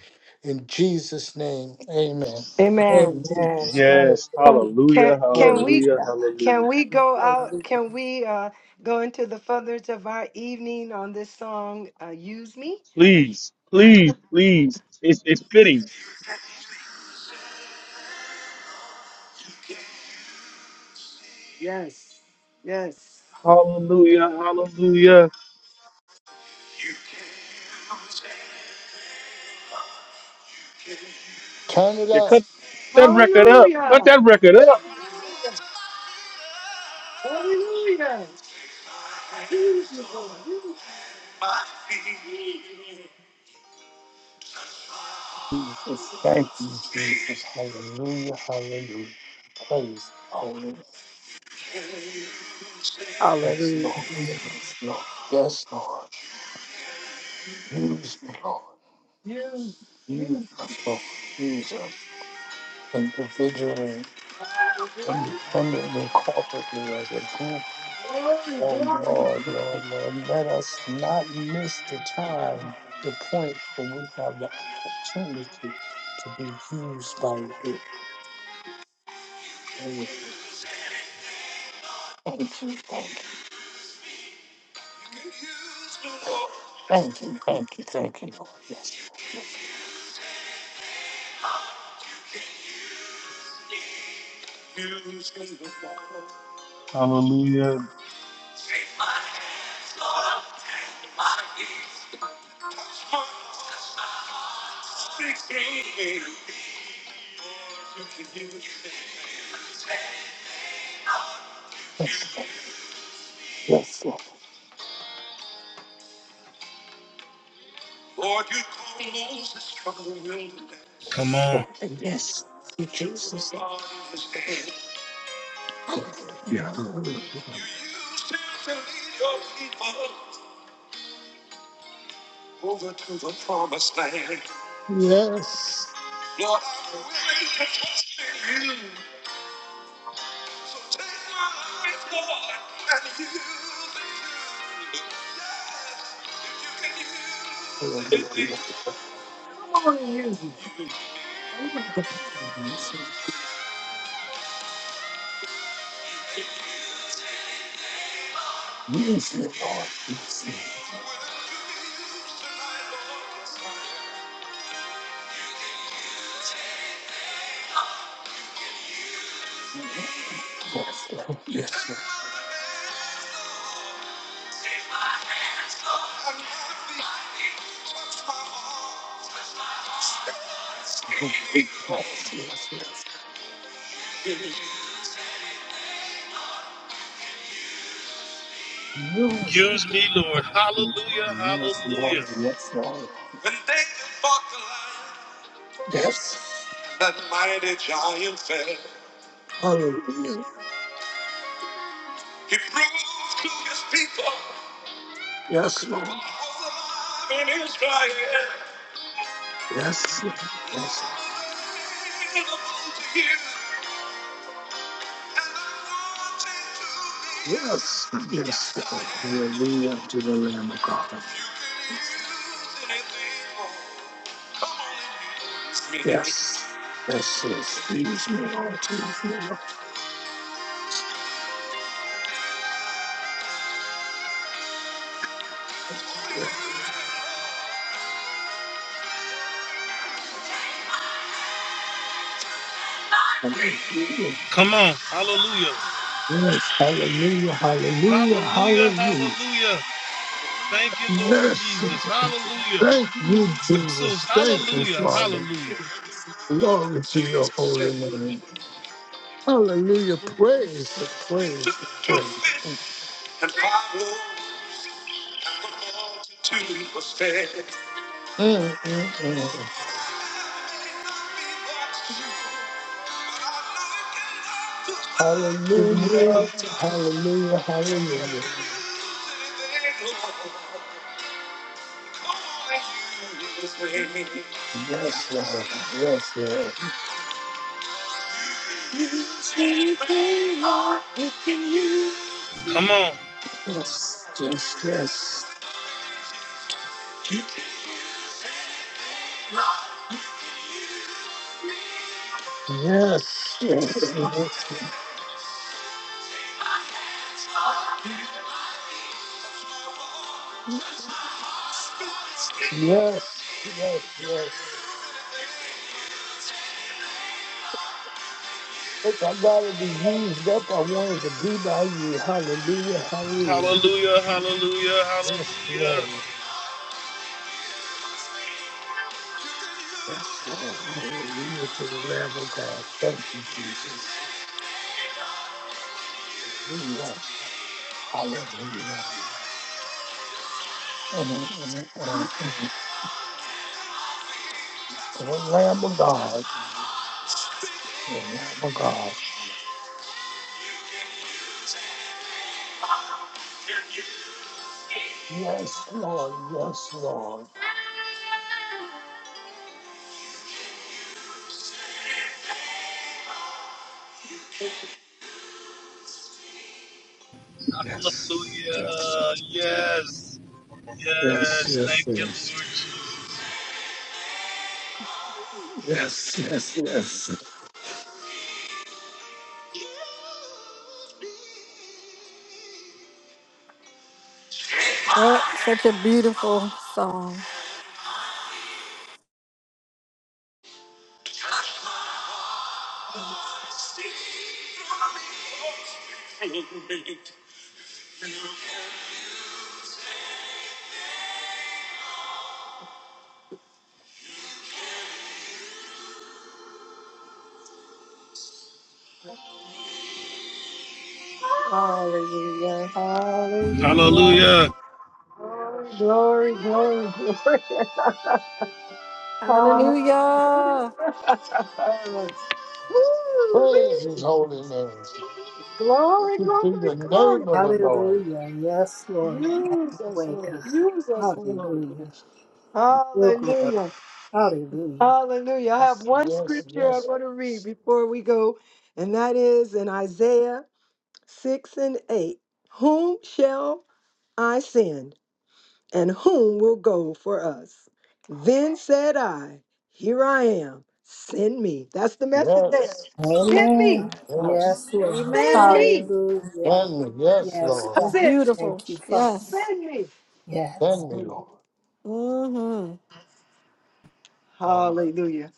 E: In Jesus' name, amen.
F: Amen.
D: Amen.
G: Yes,
D: Hallelujah.
F: Can can
G: hallelujah,
F: can
D: Glory to
F: we
G: hallelujah,
D: God.
G: hallelujah.
F: can we go out?
C: Hallelujah!
F: Can we uh, go into the furthers of our evening on this song? Uh, Use me.
G: Please, please, please. It's it's fitting.
F: Yes. Yes.
G: Hallelujah, hallelujah.
E: Turn it
G: Yeah,
E: up.
G: cut that record up. Cut
F: Hallelujah.
G: that record up.
F: Hallelujah. Use me, Lord. Use,
E: Jesus, thank you, Jesus. Hallelujah, hallelujah. Praise the Holy. Name. Yes,
C: Hallelujah!
E: Lord. Yes, Lord. Yes, Lord. Use me, Lord.
F: me. use,
E: Use
F: me.
E: us, Lord. Jesus. Individually, independently, corporately, as a group
F: glory,
E: Oh
F: glory,
E: Lord, Lord, Lord, let us not miss the time, the point when we have the opportunity to be used by you. Oh, Thank you, thank you, thank you, thank you, thank you, Lord. Yes, yes,
G: Hallelujah.
E: yes, Lord, yes, Lord, yes, Father, yes, you Jesus. name. Hallelujah. Hallelujah. Yes, Yes.
F: glory, use me.
E: Yes, Lord. Yes, Lord. Yes, Lord. Yes, Lord. Yes, yes, yes. Yes.
G: Use me, Lord.
E: Yes,
G: Hallelujah, hallelujah,
E: Lord. Yes, Lord. Yes. Hallelujah. Yes, Lord. Yes. Lord. Yes. Yes. Yes, Lord. Hallelujah to the Lamb of God. Yes. Yes. Yes. Yes. Use me, Lord. Use me, Lord. Yes. yes. Hallelujah. Yes. Hallelujah. Hallelujah. Hallelujah. Yes. Thank you, Jesus. Thank you, Father. Glory to your holy name. Hallelujah. Praise, praise, praise. Mm, mm, mm. Hallelujah. Hallelujah. Hallelujah. Yes, Lord. Yes, Lord. Yes, yes, yes. Yes, yes, yes. Yes, yes, yes. If I gotta be used up, I wanted to do by you. Hallelujah. Hallelujah.
G: hallelujah, hallelujah,
E: Yes,
G: hallelujah.
E: Lord. Yes, Lord. Hallelujah to the Lamb of God. Thank you, Jesus. Hallelujah. Hallelujah. Amen, amen, To the Lamb of God. To the Lamb of God. Yes, Lord. Yes, Lord. Yes. Yes. Yes, yes, yes. Yes, yes, yes.
H: That's such a beautiful song.
F: Hallelujah. Hallelujah. Glory, glory, glory, glory. <laughs> <laughs> Woo-wee.
H: Hallelujah.
E: Praise his holy name.
F: Glory,
E: Blessed Be
F: glory,
E: the
F: glory.
E: name of the Lord.
D: Hallelujah. Yes, Lord. Wake God. Hallelujah. Your glory.
F: Hallelujah.
D: Hallelujah.
F: Hallelujah. I have
E: Yes,
F: one
E: yes,
F: scripture I
E: yes.
F: want to read before we go, and that is in Isaiah 6 and 8. Whom shall I send, and whom will go for us? Then said I, Here I am, send me. That's the message there.
E: Yes,
F: Send me,
D: Amen.
E: yes.
D: Yes, Lord.
F: send
H: Amen.
F: me.
D: Hallelujah.
E: Send me, yes,
D: Yes,
H: It
E: Lord.
H: was
D: God.
F: Send,
H: beautiful.
D: Thank you, Father.
H: Yes.
F: send me.
D: Yes.
E: Send me, Lord.
H: hmm
E: Hallelujah.
F: Hallelujah.